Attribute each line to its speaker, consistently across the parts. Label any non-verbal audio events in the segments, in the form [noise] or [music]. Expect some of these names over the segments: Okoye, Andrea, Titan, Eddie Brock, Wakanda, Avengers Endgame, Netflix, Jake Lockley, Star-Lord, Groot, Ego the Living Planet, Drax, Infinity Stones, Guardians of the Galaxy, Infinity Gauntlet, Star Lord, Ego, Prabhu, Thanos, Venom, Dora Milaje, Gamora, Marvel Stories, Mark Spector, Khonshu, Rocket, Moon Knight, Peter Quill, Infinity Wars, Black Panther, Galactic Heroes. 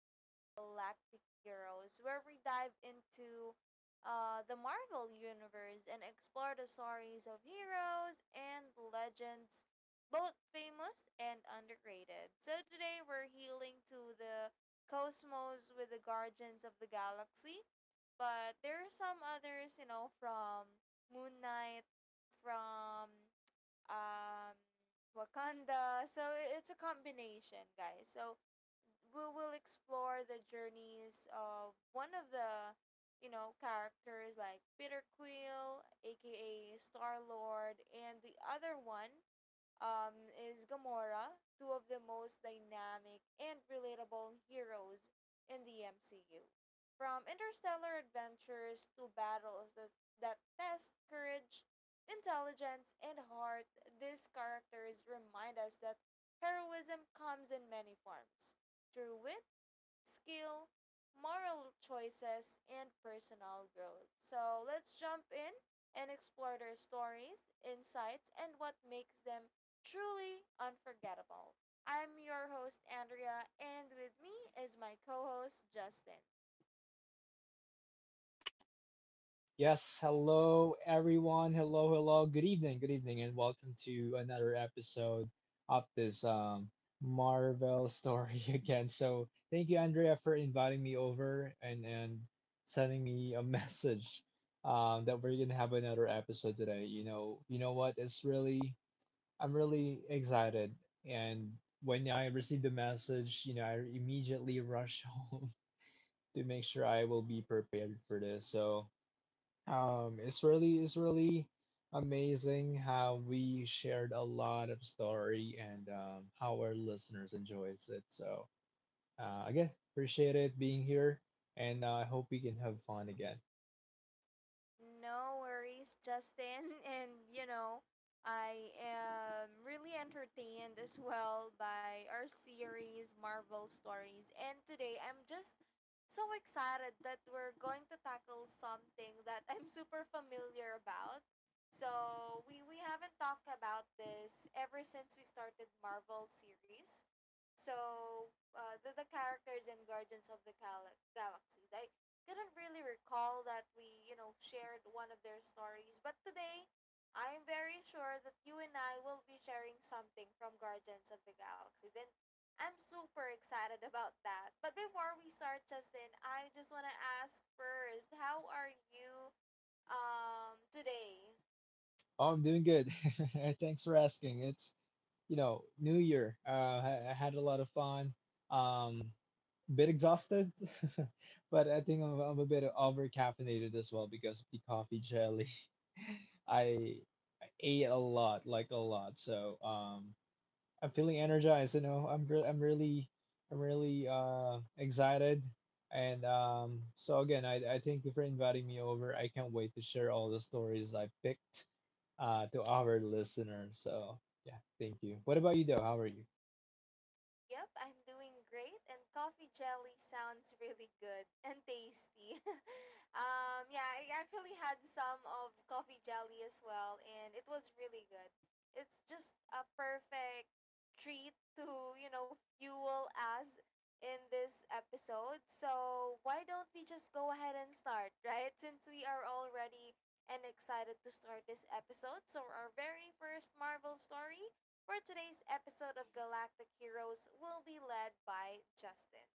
Speaker 1: of Galactic Heroes, where we dive into the Marvel Universe and explore the stories of heroes and legends, both famous and underrated. So today we're healing to the cosmos with the Guardians of the Galaxy, but there are some others, you know, from Moon Knight, from um, Wakanda. So it's a combination, guys. So we will explore the journeys of one of the, you know, characters like Peter Quill, aka Star Lord, and the other one is Gamora, two of the most dynamic and relatable heroes in the MCU. From interstellar adventures to battles that test courage, intelligence, and heart. These characters remind us that heroism comes in many forms through wit, skill, moral choices, and personal growth. So let's jump in and explore their stories, insights, and what makes them truly unforgettable. I'm your host, Andrea, and with me is my co host, Justin.
Speaker 2: Yes, hello everyone. Hello, hello. Good evening, and welcome to another episode of this Marvel story [laughs] again. So thank you, Andrea, for inviting me over and sending me a [laughs] message that we're gonna have another episode today. You know what? It's really, I'm really excited. And when I received the message, you know, I immediately rushed [laughs] home to make sure I will be prepared for this. So um, it's really amazing how we shared a lot of story and how our listeners enjoys it. So again, appreciate it being here, and I hope we can have fun again.
Speaker 1: No worries, Justin. [laughs] And you know, I am really entertained as well by our series, Marvel Stories. And today I'm just so excited that we're going to tackle something that I'm [laughs] super familiar about. So we haven't talked about this ever since we started Marvel series. So the, characters in Guardians of the Galaxies. I couldn't really recall that we, you know, shared one of their stories. But today, I'm very sure that you and I will be sharing something from Guardians of the Galaxies. And I'm super excited about that. But before we start, Justin, I just want to ask first, how are you today?
Speaker 2: Oh, I'm doing good. [laughs] Thanks for asking. It's you know New Year. I had a lot of fun. Um, Bit exhausted, [laughs] but I think I'm a bit over caffeinated as well because of the coffee jelly. I I ate a lot, like a lot. So I'm feeling energized. You know, I'm really excited. And so again, I thank you for inviting me over. I can't wait to share all the stories I picked to our listeners. So yeah, thank you. What about you though? How are you?
Speaker 1: Yep, I'm doing great, and coffee jelly sounds really good and tasty. [laughs] Yeah, I actually had some of coffee jelly as well, and it was really good. It's just a perfect treat to, you know, fuel us in this episode. So why don't we just go ahead and start, [laughs] right? Since we are already and excited to start this episode. So our very first Marvel story for today's episode of Galactic Heroes will be led by Justin.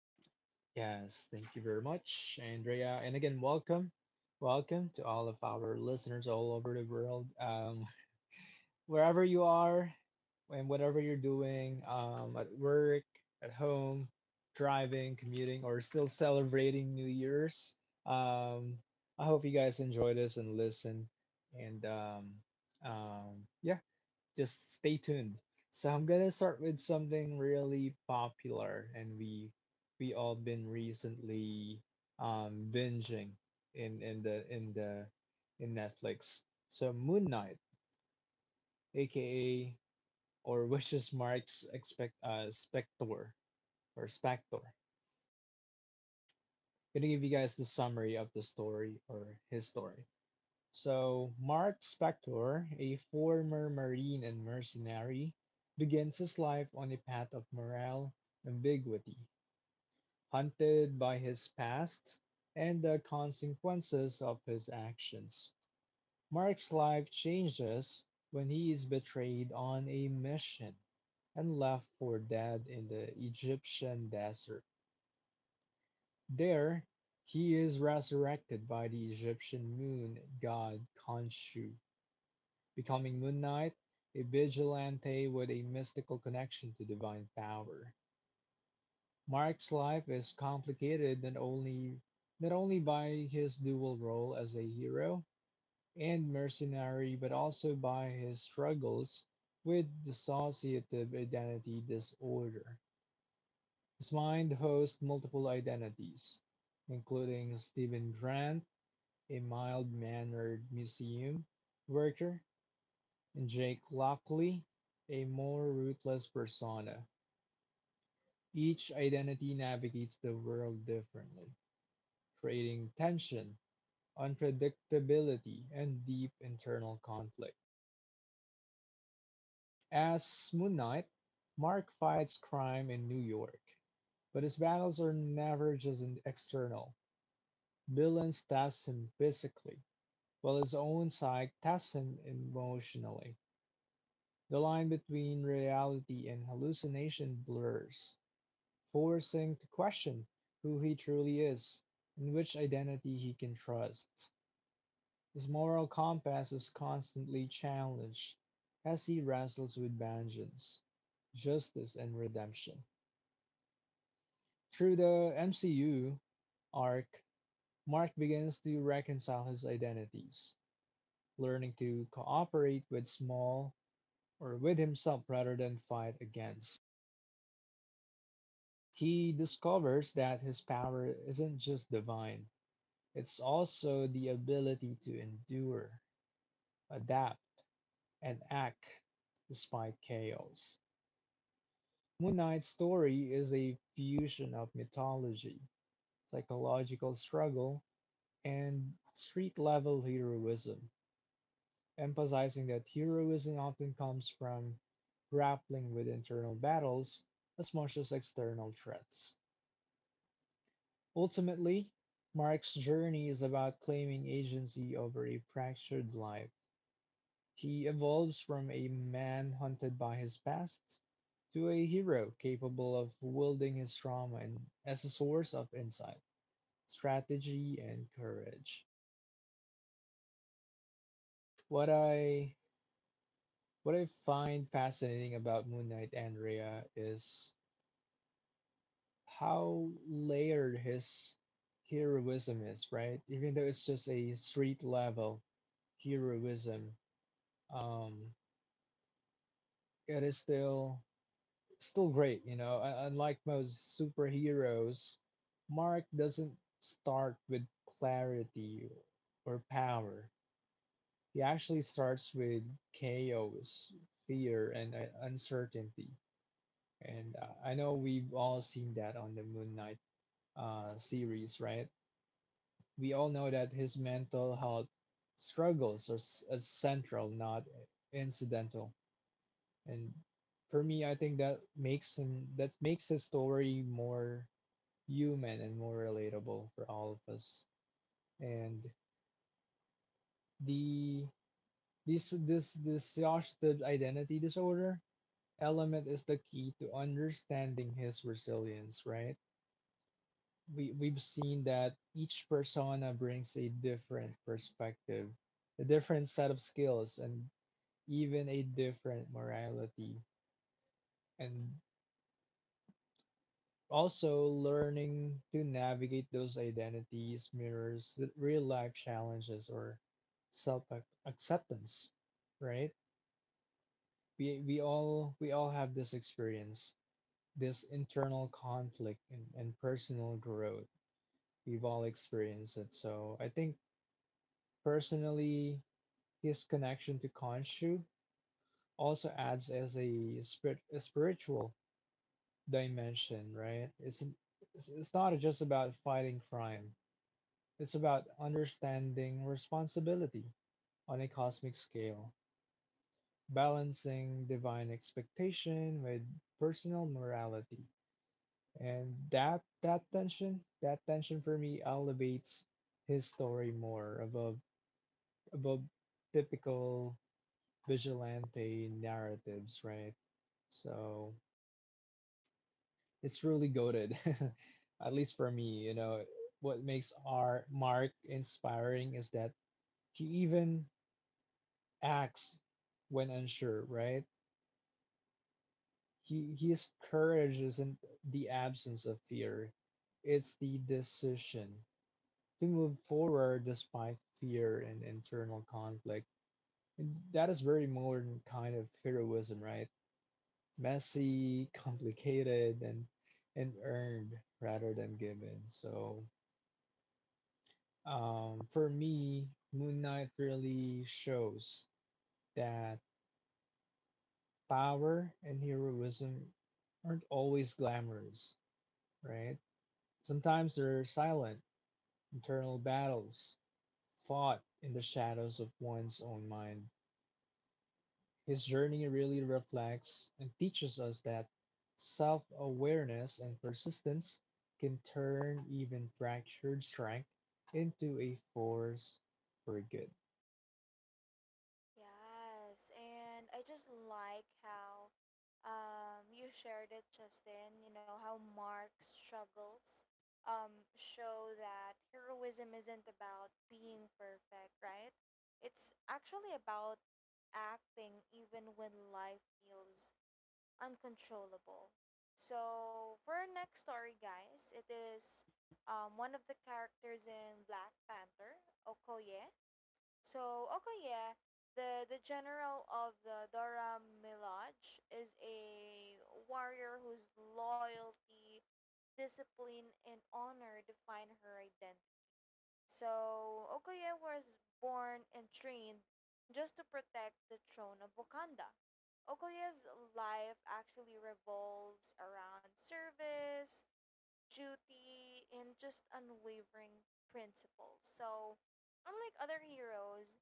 Speaker 2: Yes, thank you very much, Andrea. And again, welcome. Welcome to all of our listeners all over the world. Wherever you are and whatever you're doing, at work, at home, driving, commuting, or still celebrating New Year's. Um, I hope you guys enjoy this and listen. And Yeah, just stay tuned. So I'm gonna start with something really popular, and we all been recently binging in in the in the in Netflix. So Moon Knight, aka or wishes marks expect Spector or Spector gonna give you guys the summary of the story or his story. So Mark Spector, a former marine and mercenary, begins his life on a path of moral ambiguity, haunted by his past and the consequences of his actions. Mark's life changes when he is betrayed on a mission and left for dead in the Egyptian desert. There, he is resurrected by the Egyptian moon god Khonshu, becoming Moon Knight, a vigilante with a mystical connection to divine power. Mark's life is complicated not only by his dual role as a hero and mercenary, but also by his struggles with dissociative identity disorder. His mind hosts multiple identities, including Stephen Grant, a mild mannered museum worker, and Jake Lockley, a more ruthless persona. Each identity navigates the world differently, creating tension, unpredictability, and deep internal conflict. As Moon Knight, Mark fights crime in New York, but his battles are never just external. Villains test him physically, while his own psyche tests him emotionally. The line between reality and hallucination blurs, forcing to question who he truly is and which identity he can trust. His moral compass is constantly challenged as he wrestles with vengeance, justice, and redemption. Through the MCU arc, Mark begins to reconcile his identities, learning to cooperate with small or with himself rather than fight against. He discovers that his power isn't just divine, it's also the ability to endure, adapt, and act despite chaos. Moon Knight's story is a fusion of mythology, psychological struggle, and street level heroism, emphasizing that heroism often comes from grappling with internal battles as much as external threats. Ultimately, Mark's journey is about claiming agency over a fractured life. He evolves from a man hunted by his past to a hero capable of wielding his trauma and, as a source of insight, strategy, and courage. What I what I find fascinating about Moon Knight, Andrea, is how layered his heroism is, right? Even though it's just a street level heroism, um, it is still great, you know. Un- Unlike most superheroes, Mark doesn't start with clarity or power. He actually starts with chaos, fear, and uncertainty. And I know we've all seen that on the Moon Knight series, right? We all know that his mental health struggles are, s- is central, not incidental. And for me, I think that makes him, that makes his story more human and more relatable for all of us. And the this this this exhausted identity disorder element is the key to understanding his resilience, right? We've seen that each persona brings a different perspective, a different set of skills, and even a different morality. And also learning to navigate those identities mirrors real life challenges or self acceptance, right? We all have this experience, this internal conflict and personal growth. We've all experienced it. So I think personally his connection to Khonshu also adds as a, spirit, a spiritual dimension, right? It's not just about fighting crime. It's about understanding responsibility on a cosmic scale, balancing divine expectation with personal morality. And that tension for me elevates his story more above typical vigilante narratives, right? So it's really goaded, [laughs] at least for me. You know, what makes our Mark inspiring is that he even acts when unsure, right? He His courage isn't the absence of fear; it's the decision to move forward despite fear and internal conflict. And that is very modern kind of heroism, right? Messy, complicated, and earned rather than given. So for me, Moon Knight really shows that power and heroism aren't always glamorous, right? Sometimes they're silent, internal battles fought in the shadows of one's own mind. His journey really reflects and teaches us that self awareness and persistence can turn even fractured strength into a force for good.
Speaker 1: Yes, and I just like how you shared it, Justin. You know how Mark's struggles show that heroism isn't about being perfect, right? It's actually about acting even when life feels uncontrollable. So for our next story, guys, it is one of the characters in Black Panther, Okoye. So Okoye, the general of the Dora Milaje, is a warrior whose loyalty, discipline, and honor define her identity. So Okoye was born and trained just to protect the throne of Wakanda. Okoye's life actually revolves around service, duty, and just unwavering principles. So unlike other heroes,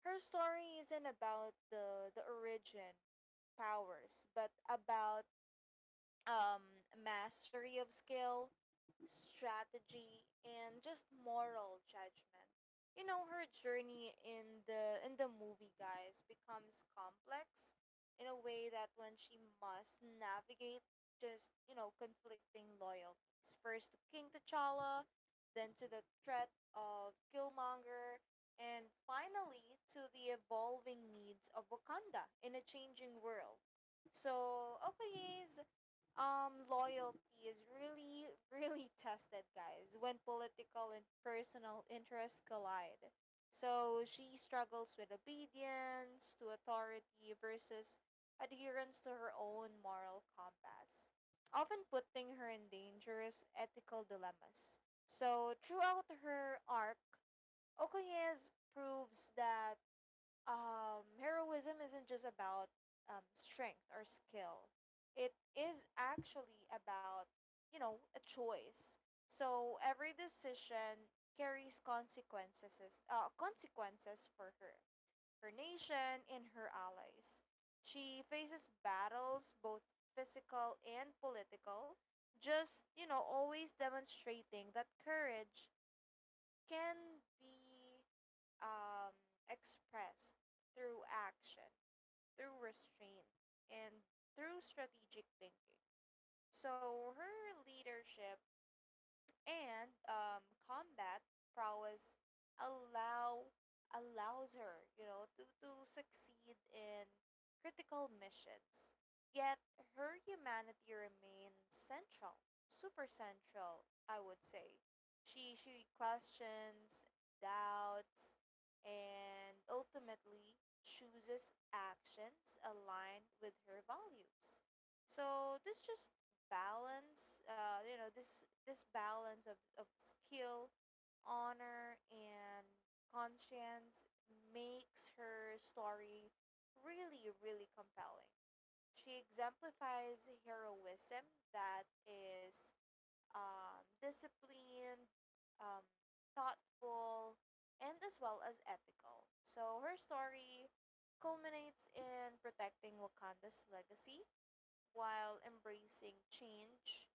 Speaker 1: her story isn't about the origin powers, but about mastery of skill, strategy, and just moral judgment. You know, her journey in the movie, guys, becomes complex in a way that when she must navigate just, you know, conflicting loyalties. First to King T'Challa, then to the threat of Killmonger, and finally to the evolving needs of Wakanda in a changing world. So, okay, loyalty is really, really [laughs] tested, guys, when political and personal interests collide. So she struggles with obedience to authority versus adherence to her own moral compass, often putting her in dangerous ethical dilemmas. So throughout her arc, Okoye proves that heroism isn't just about strength or skill. It is actually about, you know, a choice. So every decision carries consequences, consequences for her, her nation, and her allies. She faces battles, both physical and political, just, you know, always demonstrating that courage can be um, expressed through action, through restraint, and through strategic thinking. So her leadership and combat prowess allow allows her, you know, to succeed in critical missions, yet her humanity remains central, super central, I would say. She questions, doubts, and ultimately chooses actions aligned with her values. So this just balance, you know, this balance of skill, honor, and conscience makes her story really, really compelling. She exemplifies heroism that is disciplined, um, thoughtful, and as well as ethical. So her story culminates in protecting Wakanda's legacy while embracing change,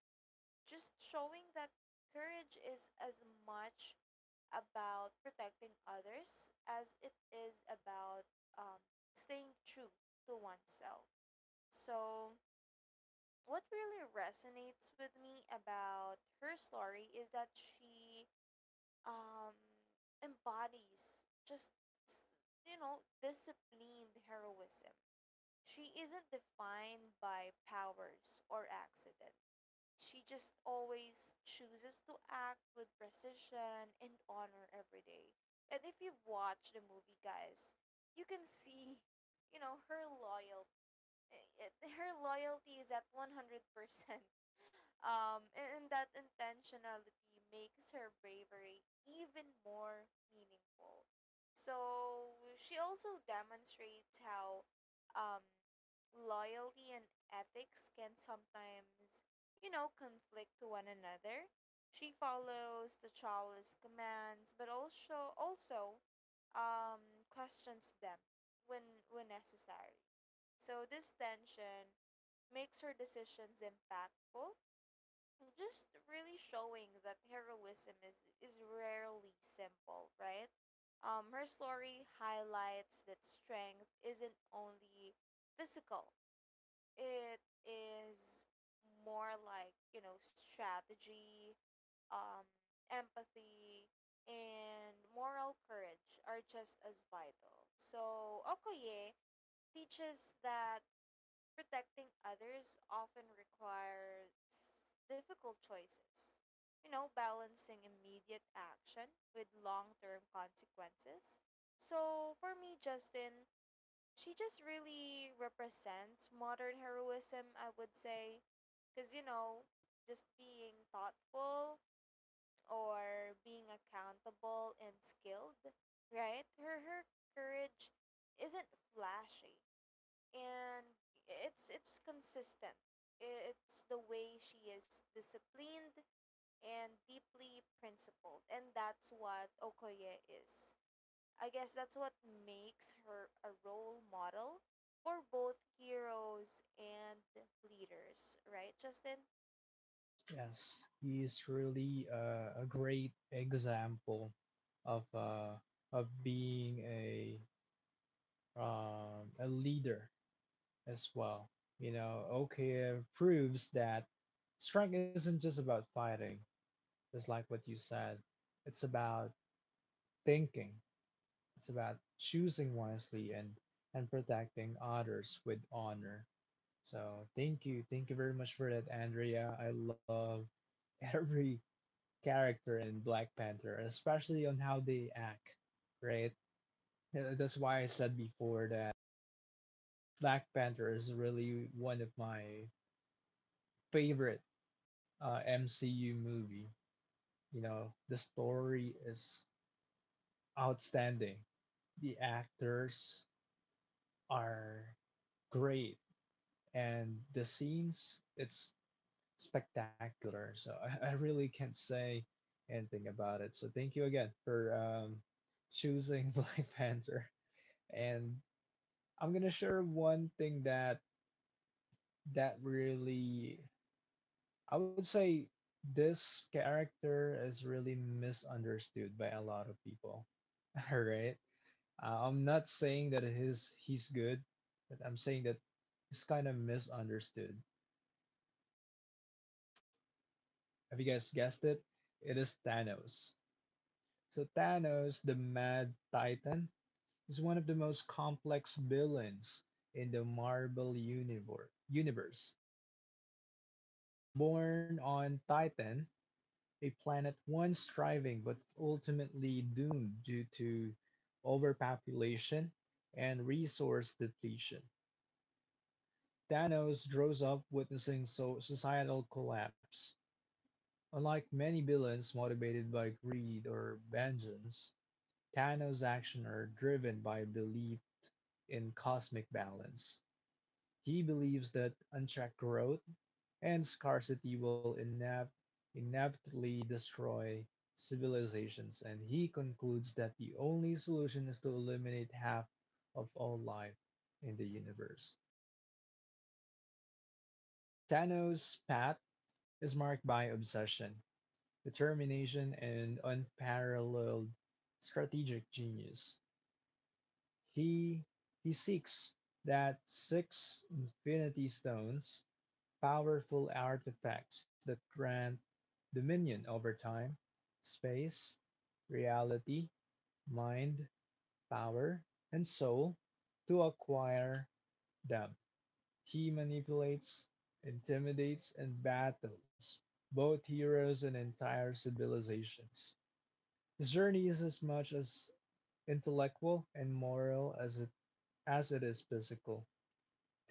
Speaker 1: just showing that courage is as much about protecting others as it is about um, staying true to oneself. So what really resonates with me about her story is that she um, embodies just, s- you know, disciplined heroism. She isn't defined by powers or accidents. She just always chooses to act with precision and honor every day. And if you've watched the movie, guys, you can see, you know, her loyalty. [laughs] Her loyalty is at 100%. And that intentionality makes her bravery even more meaningful. So she also demonstrates how um, loyalty and ethics can sometimes, you know, conflict to one another. She follows the Chala's commands, but also, um, questions them when when necessary. So this tension makes her decisions impactful, just really showing that heroism is rarely simple, right? Her story highlights that strength isn't only physical. It is more like, you know, strategy, um, empathy, and moral courage are just as vital. So Okoye teaches that protecting others often requires difficult choices. You know, balancing immediate action with long term consequences. So for me, Justin, she just really represents modern heroism, I would say. Because, you know, just being thoughtful or being accountable and skilled, right? Her courage isn't flashy, and it's consistent. It's the way she is disciplined and deeply principled, and that's what Okoye is. I guess that's what makes her a role model for both heroes and leaders, right, Justin?
Speaker 2: Yes, he is really a great example of uh, of being a leader as well. You know, Oka proves that strength isn't just about fighting, just like what you said. It's about thinking. It's about choosing wisely and protecting others with honor. So thank you very much for that, Andrea. I love every character in Black Panther, especially on how they act, right? That's why I said before that Black Panther is really one of my favorite MCU movie. You know, the story is outstanding. The actors are great, and the scenes it's spectacular. So I really can't say anything about it. So thank you again for choosing [laughs] Black Panther. And I'm gonna share one thing that really, I would say, this character is really misunderstood by a lot of people. [laughs] All right, I'm not saying that his he's good, but I'm saying that he's kind of misunderstood. Have you guys guessed it? It is Thanos. So, Thanos, the Mad Titan, is one of the most complex villains in the Marvel universe. Born on Titan, a planet once thriving but ultimately doomed due to overpopulation and resource depletion. Thanos grows up witnessing so- societal collapse. Unlike many villains motivated by greed or vengeance, Tano's actions are driven by a belief in cosmic balance. He believes that unchecked growth and scarcity will inevitably destroy civilizations, and he concludes that the only solution is to eliminate half of all life in the universe. Thanos' path is marked by obsession, determination, and unparalleled strategic genius. He he seeks that six Infinity Stones, powerful artifacts that grant dominion over time, space, reality, mind, power, and soul. To acquire them, he manipulates, intimidates, and battles both heroes and entire civilizations. His journey is as much as intellectual and moral as it is physical.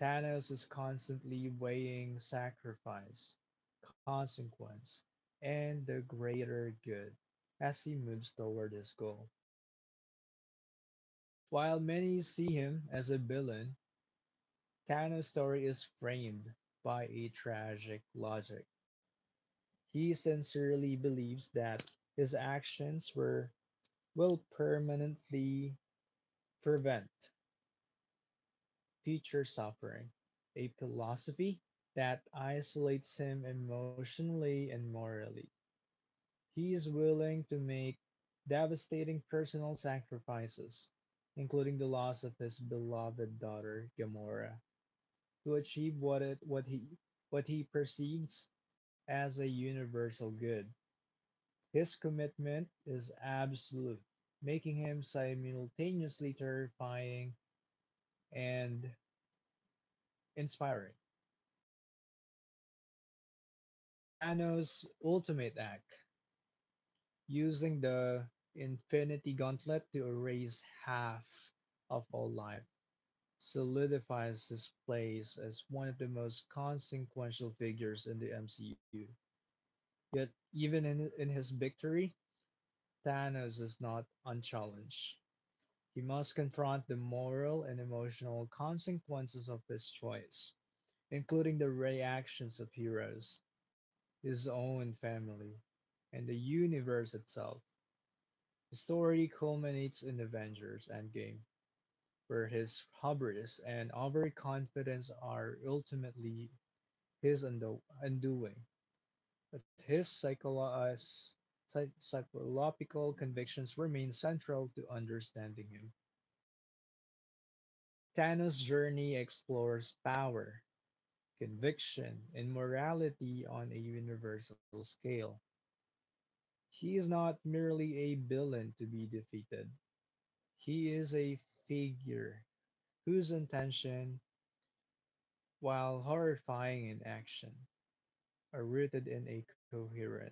Speaker 2: Thanos is constantly weighing sacrifice, consequence, and the greater good as he moves toward his goal. While many see him as a villain, Thanos' story is framed by a tragic logic. He sincerely believes that his actions were will permanently prevent future suffering, a philosophy that isolates him emotionally and morally. He is willing to make devastating personal sacrifices, including the loss of his beloved daughter Gamora, to achieve what he perceives as a universal good. His commitment is absolute, making him simultaneously terrifying and inspiring. Thanos' ultimate act, using the Infinity Gauntlet to erase half of all life, solidifies his place as one of the most consequential figures in the MCU. Yet, even in his victory, Thanos is not unchallenged. He must confront the moral and emotional consequences of his choice, including the reactions of heroes, his own family, and the universe itself. The story culminates in Avengers Endgame, where his hubris and overconfidence are ultimately his undoing, but his psychological convictions remain central to understanding him. Thanos' journey explores power, conviction, and morality on a universal scale. He is not merely a villain to be defeated, he is a figure whose intention, while horrifying in action, are rooted in a coherent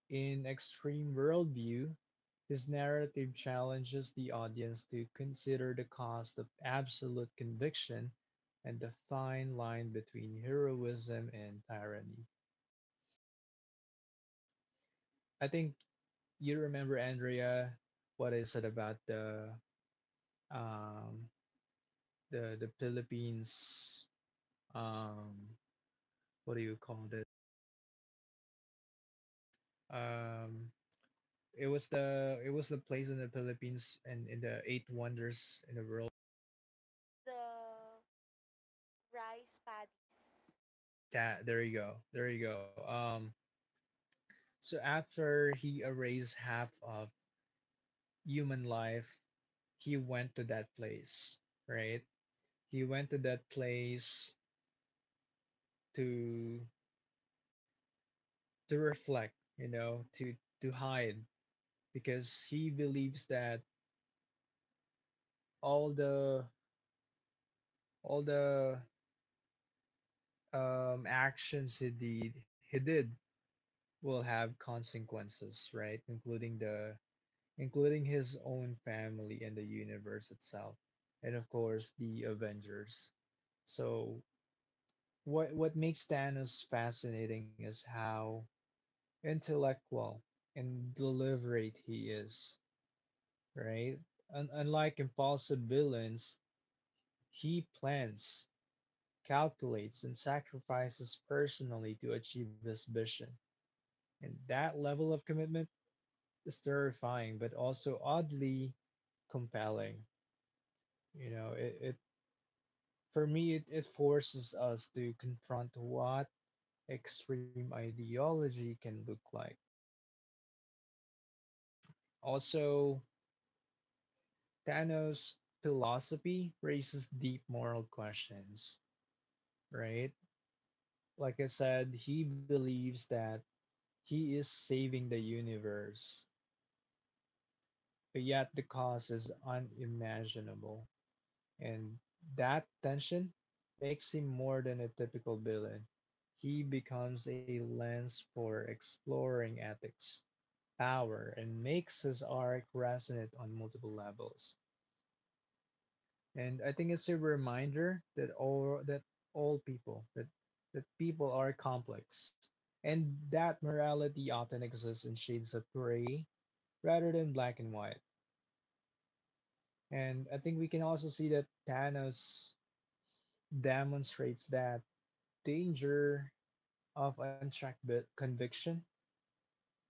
Speaker 2: in extreme worldview. His narrative challenges the audience to consider the cost of absolute conviction and the fine line between heroism and tyranny. I think you remember, Andrea, what I said about um the Philippines. um what do you call it? Um it was the, it was the place in the Philippines and in the eight wonders in the world.
Speaker 1: The rice paddies.
Speaker 2: That there you go. There you go. So after he erased half of human life, he went to that place, right? He went to that place to to reflect, you know, to hide, because he believes that all the all the actions he did will have consequences, right? Including the, including his own family and the universe itself, and of course the Avengers. So what makes Thanos fascinating is how intellectual and deliberate he is, right? Unlike impulsive villains, he plans, calculates, and sacrifices personally to achieve his vision. And that level of commitment is terrifying, but also oddly compelling. You know, it For me, it forces us to confront what extreme ideology can look like. Also, Thanos' philosophy raises deep moral questions, right? Like I said, he believes that he is saving the universe, but yet the cost is unimaginable. And that tension makes him more than a typical villain. He becomes a lens for exploring ethics, power, and makes his arc resonate on multiple levels. And I think it's a reminder that all people that that people are complex, and that morality often exists in shades of gray rather than black and white. And I think we can also see that Thanos demonstrates that danger of unchecked conviction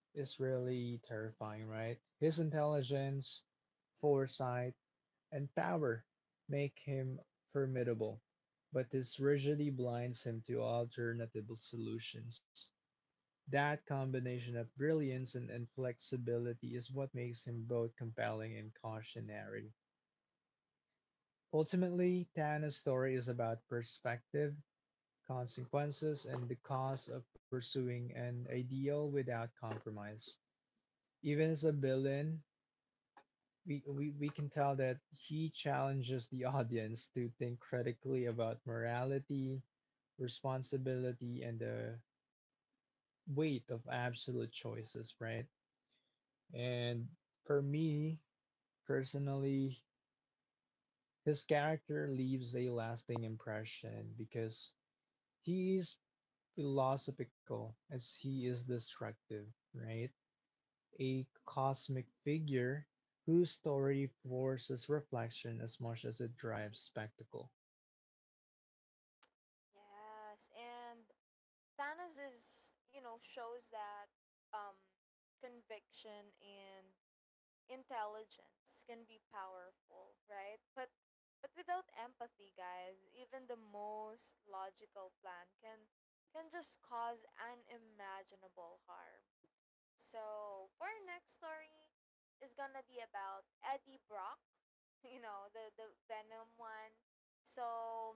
Speaker 2: is really terrifying, right? His intelligence, foresight, and power make him formidable, but this rigidity blinds him to alternative solutions. That combination of brilliance and inflexibility is what makes him both compelling and cautionary. Ultimately, Tana's story is about perspective, consequences, and the cost of pursuing an ideal without compromise. Even as a villain, we can tell that he challenges the audience to think critically about morality, responsibility, and the weight of absolute choices, right? And for me personally, his character leaves a lasting impression because he is philosophical as he is destructive, right? A cosmic figure whose story forces reflection as much as it drives spectacle.
Speaker 1: Yes, and Thanos is, you know, shows that um, conviction and intelligence can be powerful, right? But without empathy, guys, even the most logical plan can just cause unimaginable harm. So for our next story is gonna be about Eddie Brock, [laughs] you know, the Venom one. So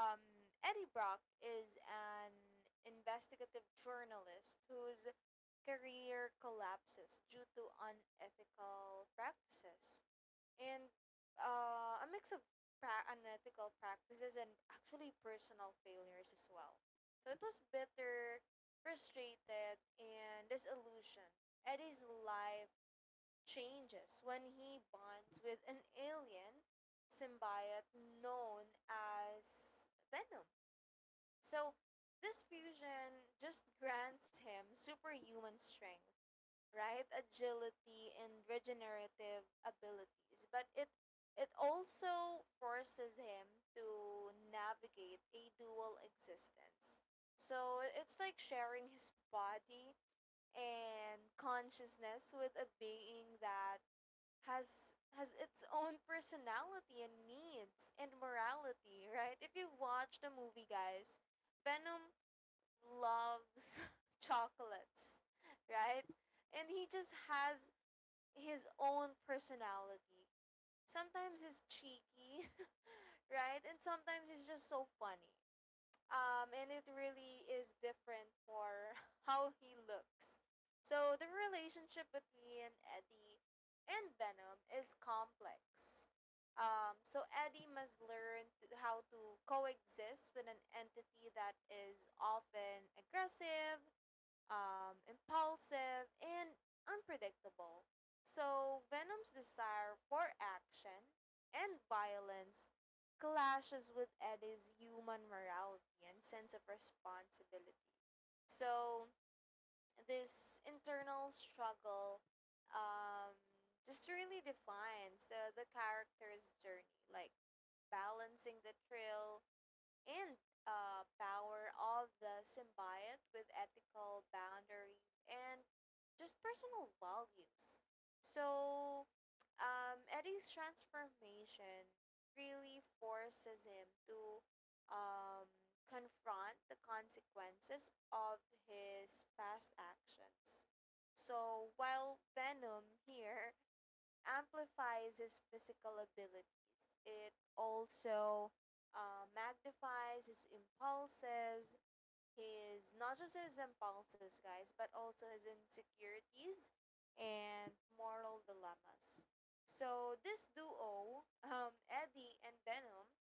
Speaker 1: um, Eddie Brock is an investigative journalist whose career collapses due to unethical practices and a mix of unethical practices and actually personal failures as well. So it was bitter, frustrated, and disillusioned. Eddie's life changes when he bonds with an alien symbiote known as Venom. So this fusion just grants him superhuman strength, right? Agility and regenerative abilities, but it also forces him to navigate a dual existence. So it's like sharing his body and consciousness with a being that has its own personality and needs and morality, right? If you watch the movie, guys, Venom loves [laughs] chocolates, right? And he just has his own personality. Sometimes he's cheeky, [laughs] right? And sometimes he's just so funny, and it really is different for [laughs] how he looks. So the relationship between Eddie and Venom is complex. So Eddie must learn to, how to coexist with an entity that is often aggressive, impulsive, and unpredictable. So Venom's desire for action and violence clashes with Eddie's human morality and sense of responsibility. So this internal struggle um, just really defines the character's journey, like balancing the thrill and power of the symbiote with ethical boundaries and just personal values. So, Eddie's transformation really forces him to confront the consequences of his past actions. So while Venom here amplifies his physical abilities. It also magnifies his impulses, his, not just his impulses, guys, but also his insecurities and moral dilemmas. So this duo, Eddie and Venom,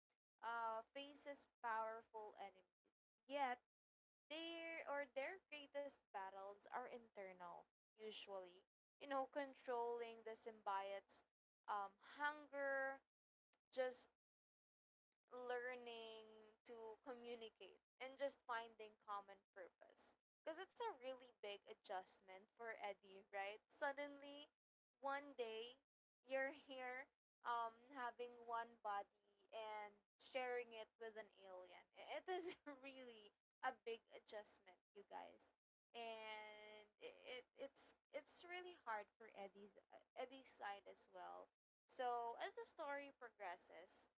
Speaker 1: faces powerful enemies. Yet their, or their greatest battles are internal, usually. You know, controlling the symbiote's hunger, just learning to communicate and just finding common purpose, because it's a really big adjustment for Eddie, right? Suddenly, one day you're here having one body and sharing it with an alien. It is [laughs] really a big adjustment, you guys. And it's really hard for Eddie's Eddie's side as well. So as the story progresses,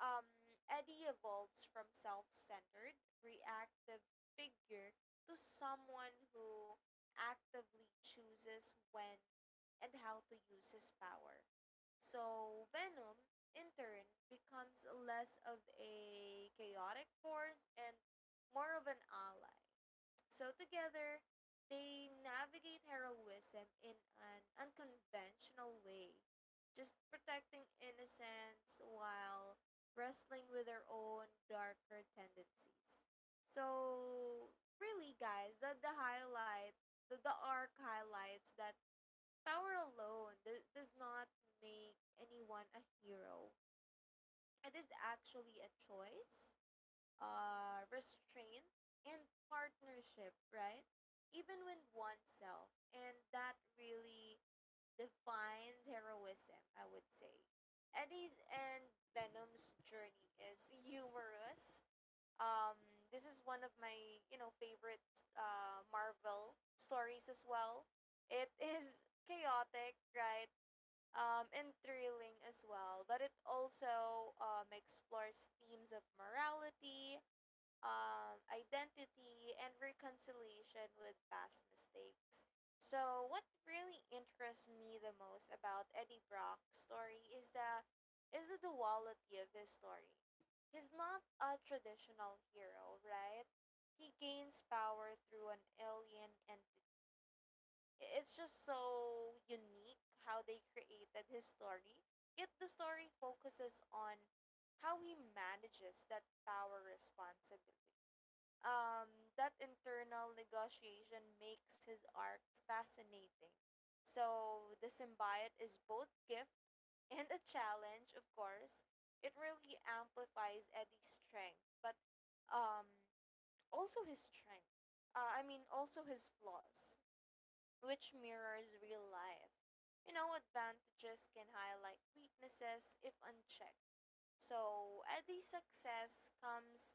Speaker 1: um, Eddie evolves from self centered, reactive figure to someone who actively chooses when and how to use his power. So Venom, in turn, becomes less of a chaotic force and more of an ally. So together, they navigate heroism in an unconventional way, just protecting innocence while wrestling with their own darker tendencies. So really guys, that the highlight, the arc highlights that power alone does not make anyone a hero. It is actually a choice, restraint, and partnership, right? Even with oneself. And that really defines heroism, I would say. Eddie's and Venom's journey is humorous. Um, this is one of my, you know, favorite Marvel stories as well. It [laughs] is chaotic, right? Um, and thrilling as well. But it also explores themes of morality, identity, and reconciliation with past mistakes. So, what really interests me the most about Eddie Brock's story is the duality of his story. He's not a traditional hero, right? He gains power through an alien entity. It's just so unique how they created his story. Yet the story focuses on how he manages that power responsibility. um, that internal negotiation makes his arc fascinating. So the symbiote is both gift and a challenge, of course. It really amplifies Eddie's strength, but um, also his strength. I mean, also his flaws, which mirrors real life. You know, advantages can highlight weaknesses if unchecked, so Eddie's success comes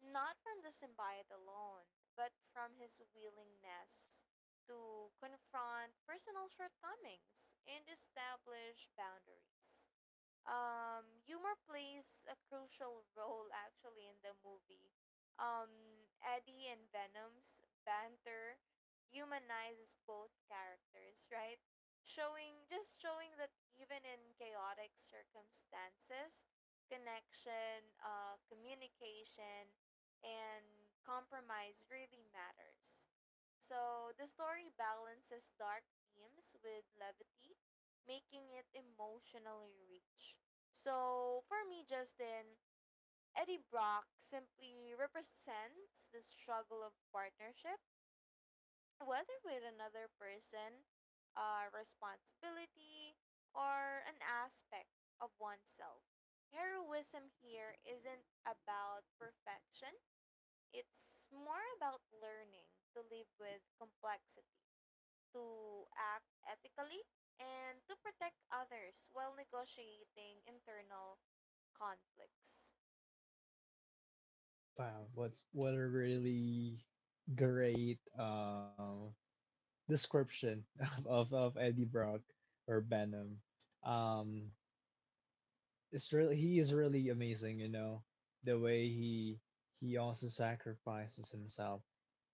Speaker 1: not from the symbiote alone, but from his willingness to confront personal shortcomings and establish boundaries. Humor plays a crucial role actually in the movie. Um, Eddie and Venom's banter humanizes both characters, right? Showing just showing that even in chaotic circumstances, connection, communication, and compromise really matters. So the story balances dark themes with levity, making it emotionally rich. So for me, Justin, Eddie Brock simply represents the struggle of partnership, whether with another person, a responsibility, or an aspect of oneself. Heroism here isn't about perfection, it's more about learning to live with complexity, to act ethically, and to protect others while negotiating internal conflicts.
Speaker 2: Wow, what a really great description [laughs] of Eddie Brock or Benham. Um, it's really, he is really amazing, you know, the way he also sacrifices himself.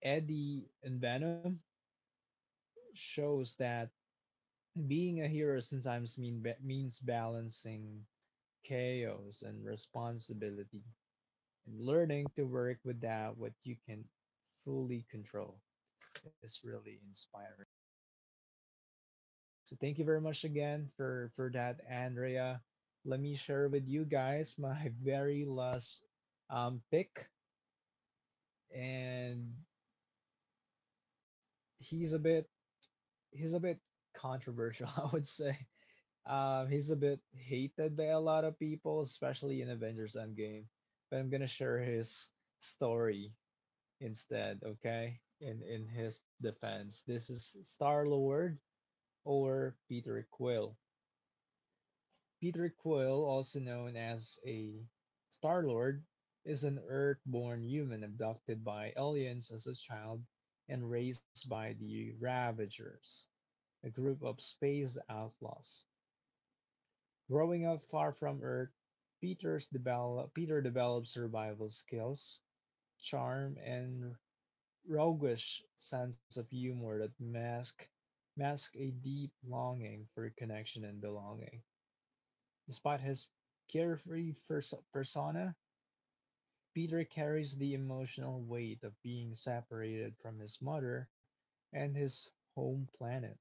Speaker 2: Eddie and Venom shows that being a hero sometimes means balancing chaos and responsibility and learning to work with that what you can fully control is really inspiring. So thank you very much again for that, Andrea. Let me share with you guys my [laughs] very last pick, and he's a bit he's a bit controversial, [laughs] I would say. He's a bit hated by a lot of people, especially in Avengers Endgame. But I'm gonna share his story instead, okay? In his defense, this is Star Lord or Peter Quill. Peter Quill, also known as a Star-Lord, is an Earth-born human abducted by aliens as a child and raised by the Ravagers, a group of space outlaws. Growing up far from Earth, Peter develops survival skills, charm, and roguish sense of humor that mask a deep longing for connection and belonging. Despite his carefree persona, Peter carries the emotional weight of being separated from his mother and his home planet.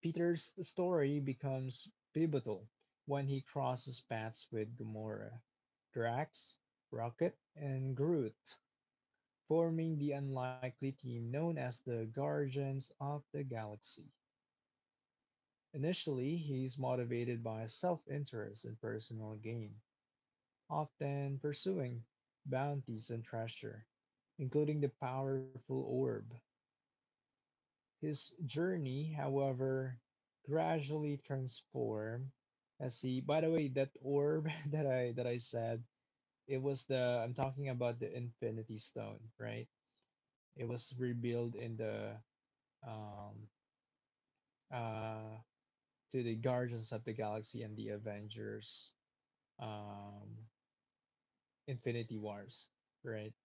Speaker 2: Peter's story becomes pivotal when he crosses paths with Gamora, Drax, Rocket, and Groot, forming the unlikely team known as the Guardians of the Galaxy. Initially, he's motivated by self interest and personal gain, often pursuing bounties and treasure, including the powerful orb. His journey, however, gradually transformed as he. By the way, that orb [laughs] that I said, it was the, I'm talking about the Infinity Stone, right? It was revealed in the um uh to the Guardians of the Galaxy and the Avengers, um Infinity Wars, right?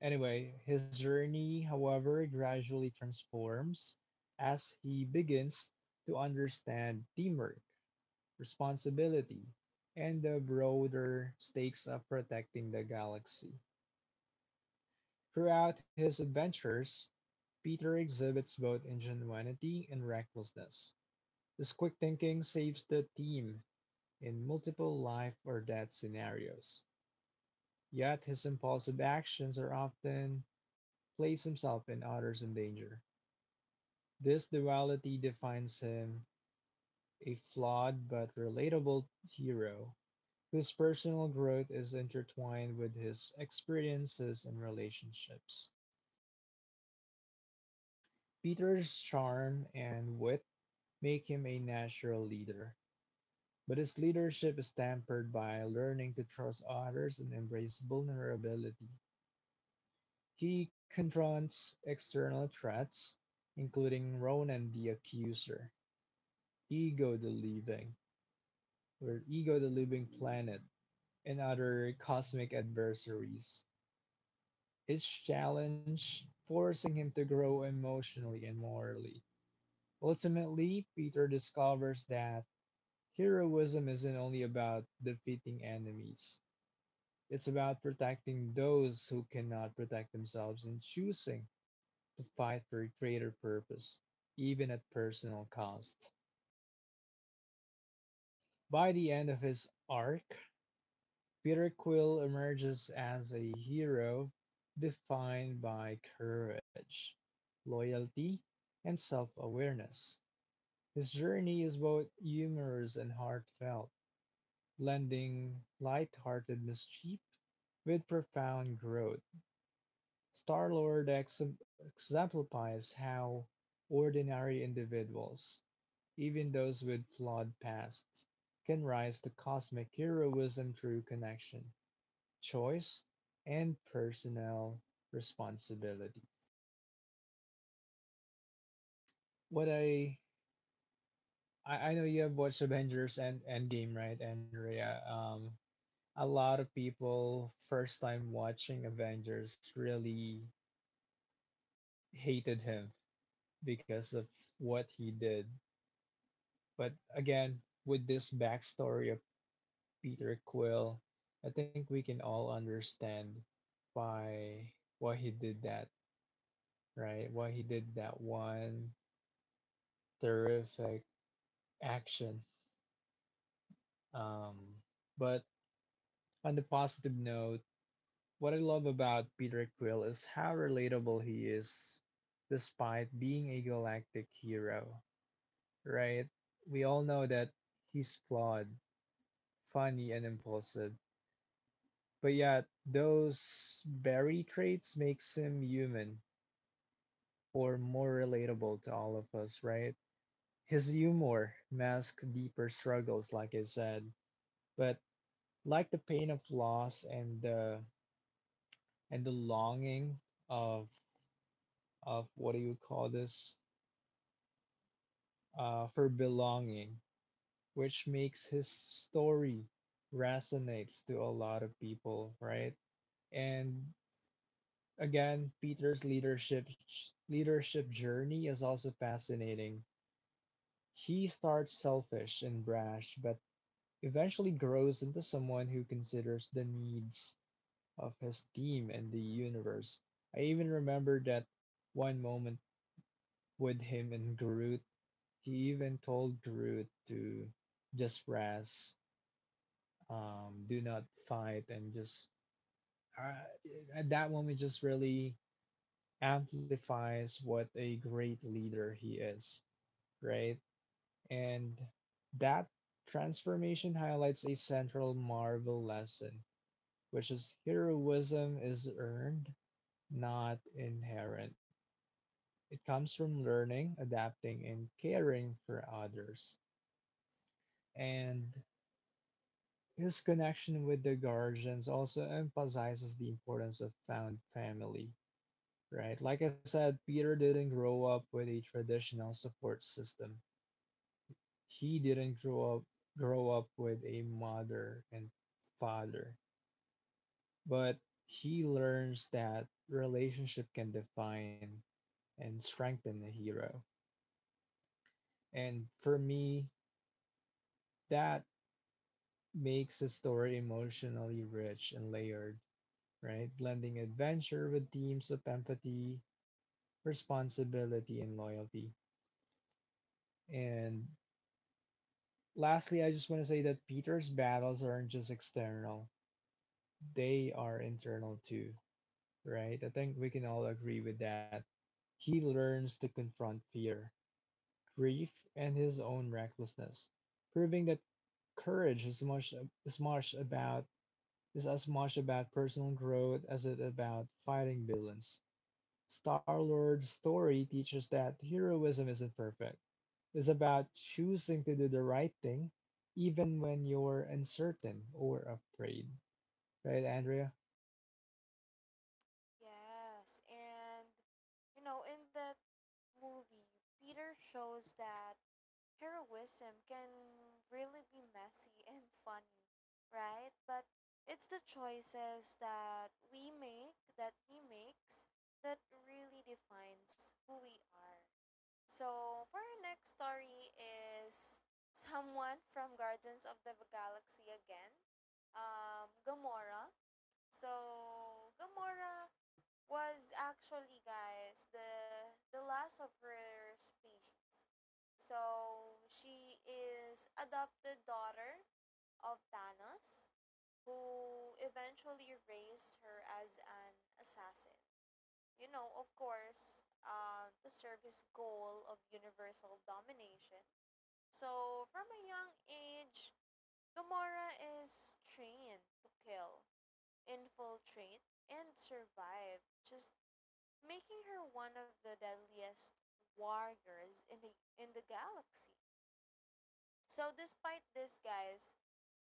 Speaker 2: Anyway, his journey, however, gradually transforms as he begins to understand teamwork, responsibility, and the broader stakes of protecting the galaxy. Throughout his adventures, Peter exhibits both ingenuity and recklessness. This quick thinking saves the team in multiple life or death scenarios. Yet his impulsive actions are often place himself and others in danger. This duality defines him, a flawed but relatable hero, whose personal growth is intertwined with his experiences and relationships. Peter's charm and wit make him a natural leader, but his leadership is tempered by learning to trust others and embrace vulnerability. He confronts external threats, including Ronan the Accuser, Ego the Living, or Ego the Living Planet, and other cosmic adversaries. Each challenge forcing him to grow emotionally and morally. Ultimately, Peter discovers that heroism isn't only about defeating enemies, it's about protecting those who cannot protect themselves and choosing to fight for a greater purpose, even at personal cost. By the end of his arc, Peter Quill emerges as a hero defined by courage, loyalty, and self-awareness. His journey is both humorous and heartfelt, blending light-hearted mischief with profound growth. Star-Lord exemplifies how ordinary individuals, even those with flawed pasts, can rise to cosmic heroism through connection, choice, and personal responsibility. What I I know you have watched Avengers and Endgame, right, Andrea? A lot of people first time watching Avengers really hated him because of what he did. But again, with this backstory of Peter Quill, I think we can all understand why he did that, right? Why he did that one terrific action. Um, but on the positive note, what I love about Peter Quill is how relatable he is, despite being a galactic hero, right? We all know that he's flawed, funny, and impulsive, but yet those very traits makes him human or more relatable to all of us, right? His humor masks deeper struggles, like I said, but like the pain of loss and the longing of of what do you call this, for belonging, which makes his story resonates to a lot of people, right? And again, Peter's leadership journey is also fascinating. He starts selfish and brash, but eventually grows into someone who considers the needs of his team and the universe. I even remember that one moment with him and Groot. He even told Groot to just rest, do not fight, and just uh, at that moment just really amplifies what a great leader he is, right? And that transformation highlights a central Marvel lesson, which is heroism is earned, not inherent. It comes from learning, adapting, and caring for others. And his connection with the Guardians also emphasizes the importance of found family, right? Like I said, Peter didn't grow up with a traditional support system. He didn't grow up with a mother and father, but he learns that relationship can define and strengthen the hero. And for me, that makes the story emotionally rich and layered, right? Blending adventure with themes of empathy, responsibility, and loyalty. And lastly, I just want to say that Peter's battles aren't just external, they are internal too, right? I think we can all agree with that. He learns to confront fear, grief, and his own recklessness, proving that courage is much as much about is as much about personal growth as it about fighting villains. Star Lord's story teaches that heroism isn't perfect, is about choosing to do the right thing even when you're uncertain or afraid. Right, Andrea?
Speaker 1: Yes, and you know, in that movie, Peter shows that heroism can really be messy [laughs] and funny, right? But it's the choices that we make, that he makes, that really defines who we are. So, for our next story is someone from Guardians of the Galaxy again. Gamora. So, Gamora was actually, guys, the last of her species. So, she is adopted daughter of Thanos, who eventually raised her as an assassin, you know, of course, to serve his goal of universal domination. So, from a young age, Gamora is trained to kill, infiltrate, and survive, just making her one of the deadliest warriors in the galaxy. So, despite this, guys,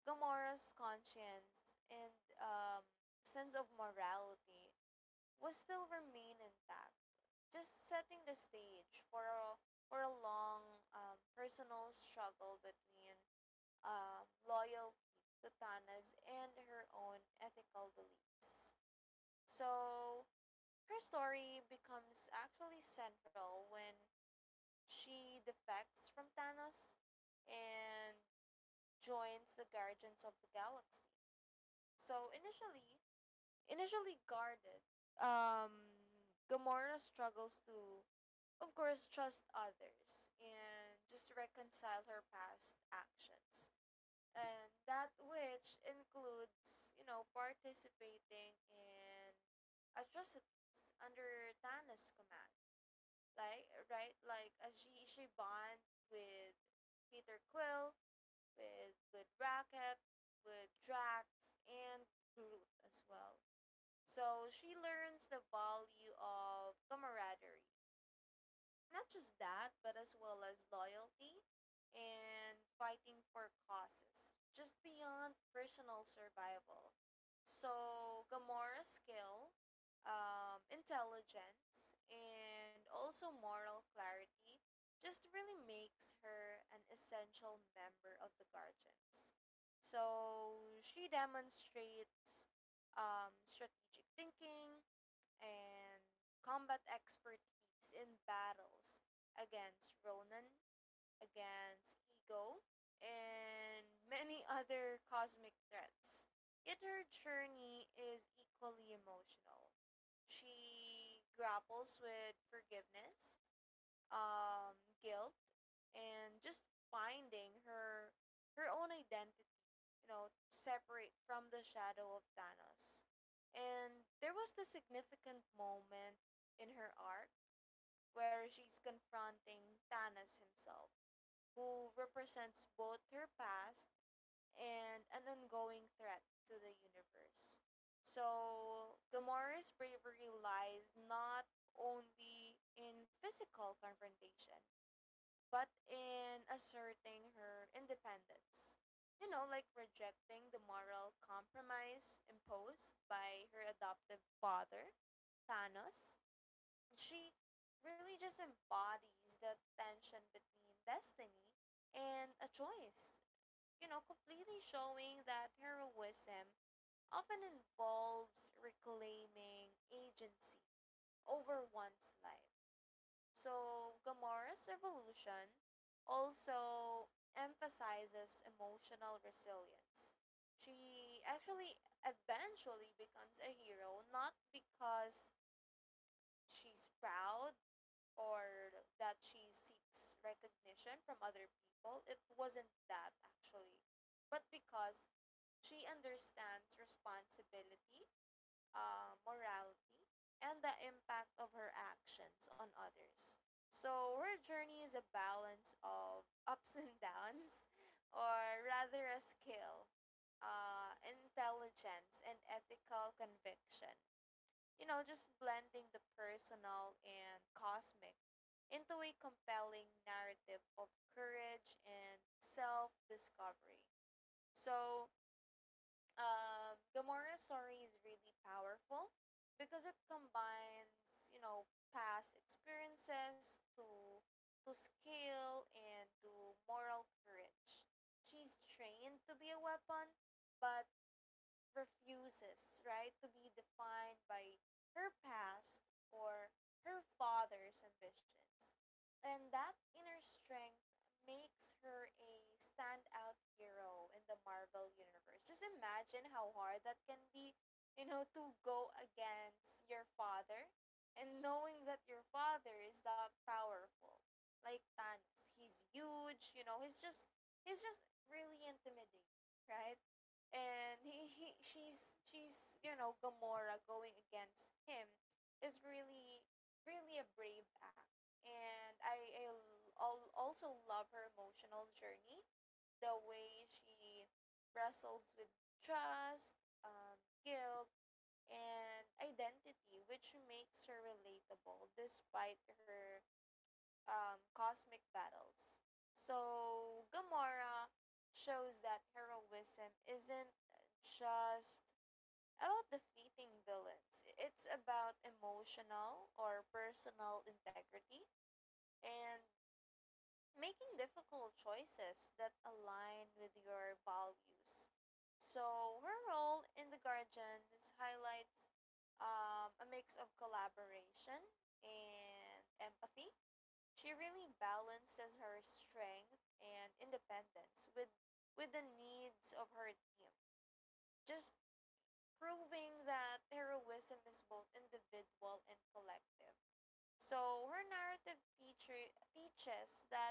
Speaker 1: Gamora's conscience and um, sense of morality will still remain intact, just setting the stage for a long personal struggle between loyalty to Tana's and her own ethical beliefs. So her story becomes actually central when she defects from Thanos and joins the Guardians of the Galaxy. So initially guarded, um, Gamora struggles to, of course, trust others and just reconcile her past actions. And that which includes, you know, participating in atrocities under Thanos' command. Like, right? Like, as she bond with Peter Quill, with Rocket, with Drax, and Groot as well. So she learns the value of camaraderie, not just that, but as well as loyalty and fighting for causes, just beyond personal survival. So, Gamora's skill, intelligence, and also moral clarity just really makes her an essential member of the Guardians. So, she demonstrates strategic thinking, and combat expertise in battles against Ronan, against Ego, and many other cosmic threats. Yet her journey is equally emotional. She grapples with forgiveness, um, guilt, and just finding her own identity, you know, separate from the shadow of Thanos. And there was the significant moment in her arc where she's confronting Thanos himself, who represents both her past and an ongoing threat to the universe. So, Gamora's bravery lies not only in physical confrontation, but in asserting her independence. You know, like rejecting the moral compromise imposed by her adoptive father, Thanos. She really just embodies the tension between destiny and a choice. You know, completely showing that heroism often involves reclaiming agency over one's life. So, Gamora's evolution also emphasizes emotional resilience. She actually eventually becomes a hero not because she's proud or that she seeks recognition from other people. It wasn't that actually, but because she understands responsibility, morality, and the impact of her actions on others. So her journey is a balance of [laughs] ups and downs, [laughs] or rather, a skill, intelligence, and ethical conviction. You know, just blending the personal and cosmic into a compelling narrative of courage and self discovery. So, Gamora's story is really powerful because it combines, you know, past experiences to skill and to moral courage. She's trained to be a weapon, but refuses, right, to be defined by her past or her father's ambitions. And that inner strength makes her a standout hero in the Marvel universe. Just imagine how hard that can be, you know, to go against your father and knowing that your father is that powerful. Like Thanos, he's huge, you know, he's just really intimidating, right? And he she's you know, Gamora going against him is really a brave act, and I also love her emotional journey, the way she wrestles with trust, um, guilt, and identity, which makes her relatable despite her cosmic battles. So Gamora shows that heroism isn't just about defeating villains, it's about emotional or personal integrity and making difficult choices that align with your values. So her role in the Guardians highlights a mix of collaboration and empathy. She really balances her strength and independence with the needs of her team, just proving that heroism is both individual and collective. So her narrative teacher teaches that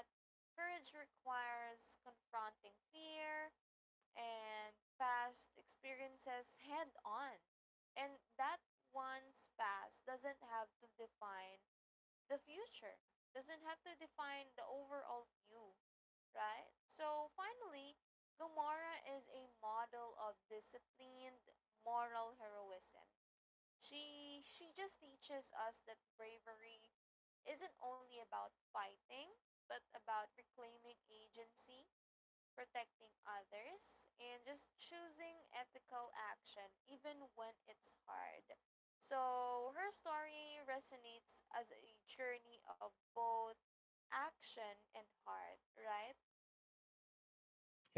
Speaker 1: courage requires confronting fear and past experiences head on. And that one's past doesn't have to define the future, doesn't have to define the overall you, right? So finally, Gomorrah is a model of disciplined moral heroism. She just teaches us that bravery isn't only about fighting, but about reclaiming agency, protecting others, and just choosing ethical action even when it's hard. So her story resonates as a journey of both action and heart, right?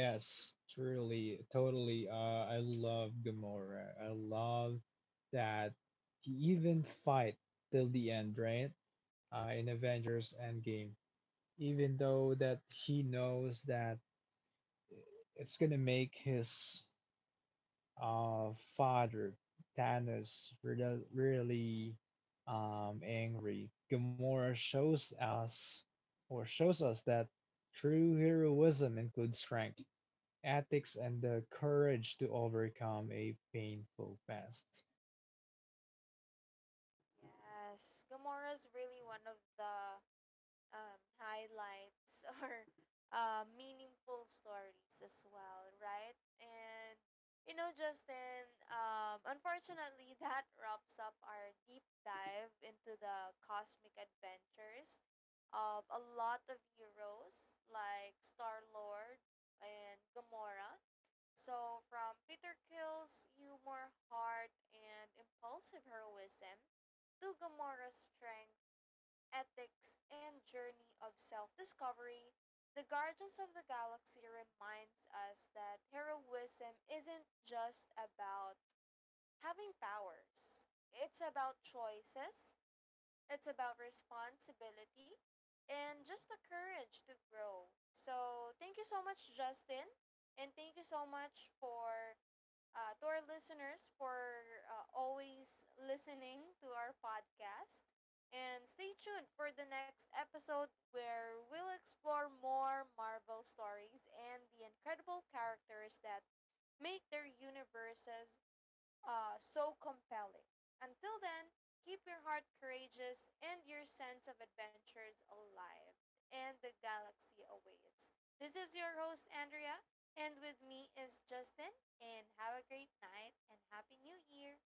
Speaker 2: Yes, truly, totally. I love Gamora. I love that he even fight till the end, right? In Avengers Endgame, even though that he knows that it's gonna make his father Thanos really, really angry, Gamora shows us or shows us that true heroism includes strength, ethics, and the courage to overcome a painful past.
Speaker 1: Yes, Gamora's really one of the highlights [laughs] or meaningful stories as well, right? And you know, Justin, unfortunately, [laughs] that wraps up our deep dive into the cosmic adventures of a lot of heroes like Star Lord and Gamora. So, from Peter Kill's humor, heart, and impulsive heroism to Gamora's strength, ethics, and journey of self discovery, The Guardians of the Galaxy reminds us that heroism isn't just about having powers, it's about choices, it's about responsibility, and just the courage to grow. So, thank you so much, Justin, and thank you so much for to our listeners for always listening to our podcast. And stay tuned for the next episode where we'll explore more Marvel stories and the incredible characters that make their universes so compelling. Until then, keep your heart courageous and your sense of adventures alive and the galaxy awaits. This is your host, Andrea, and with me is Justin. And have a great night and Happy New Year!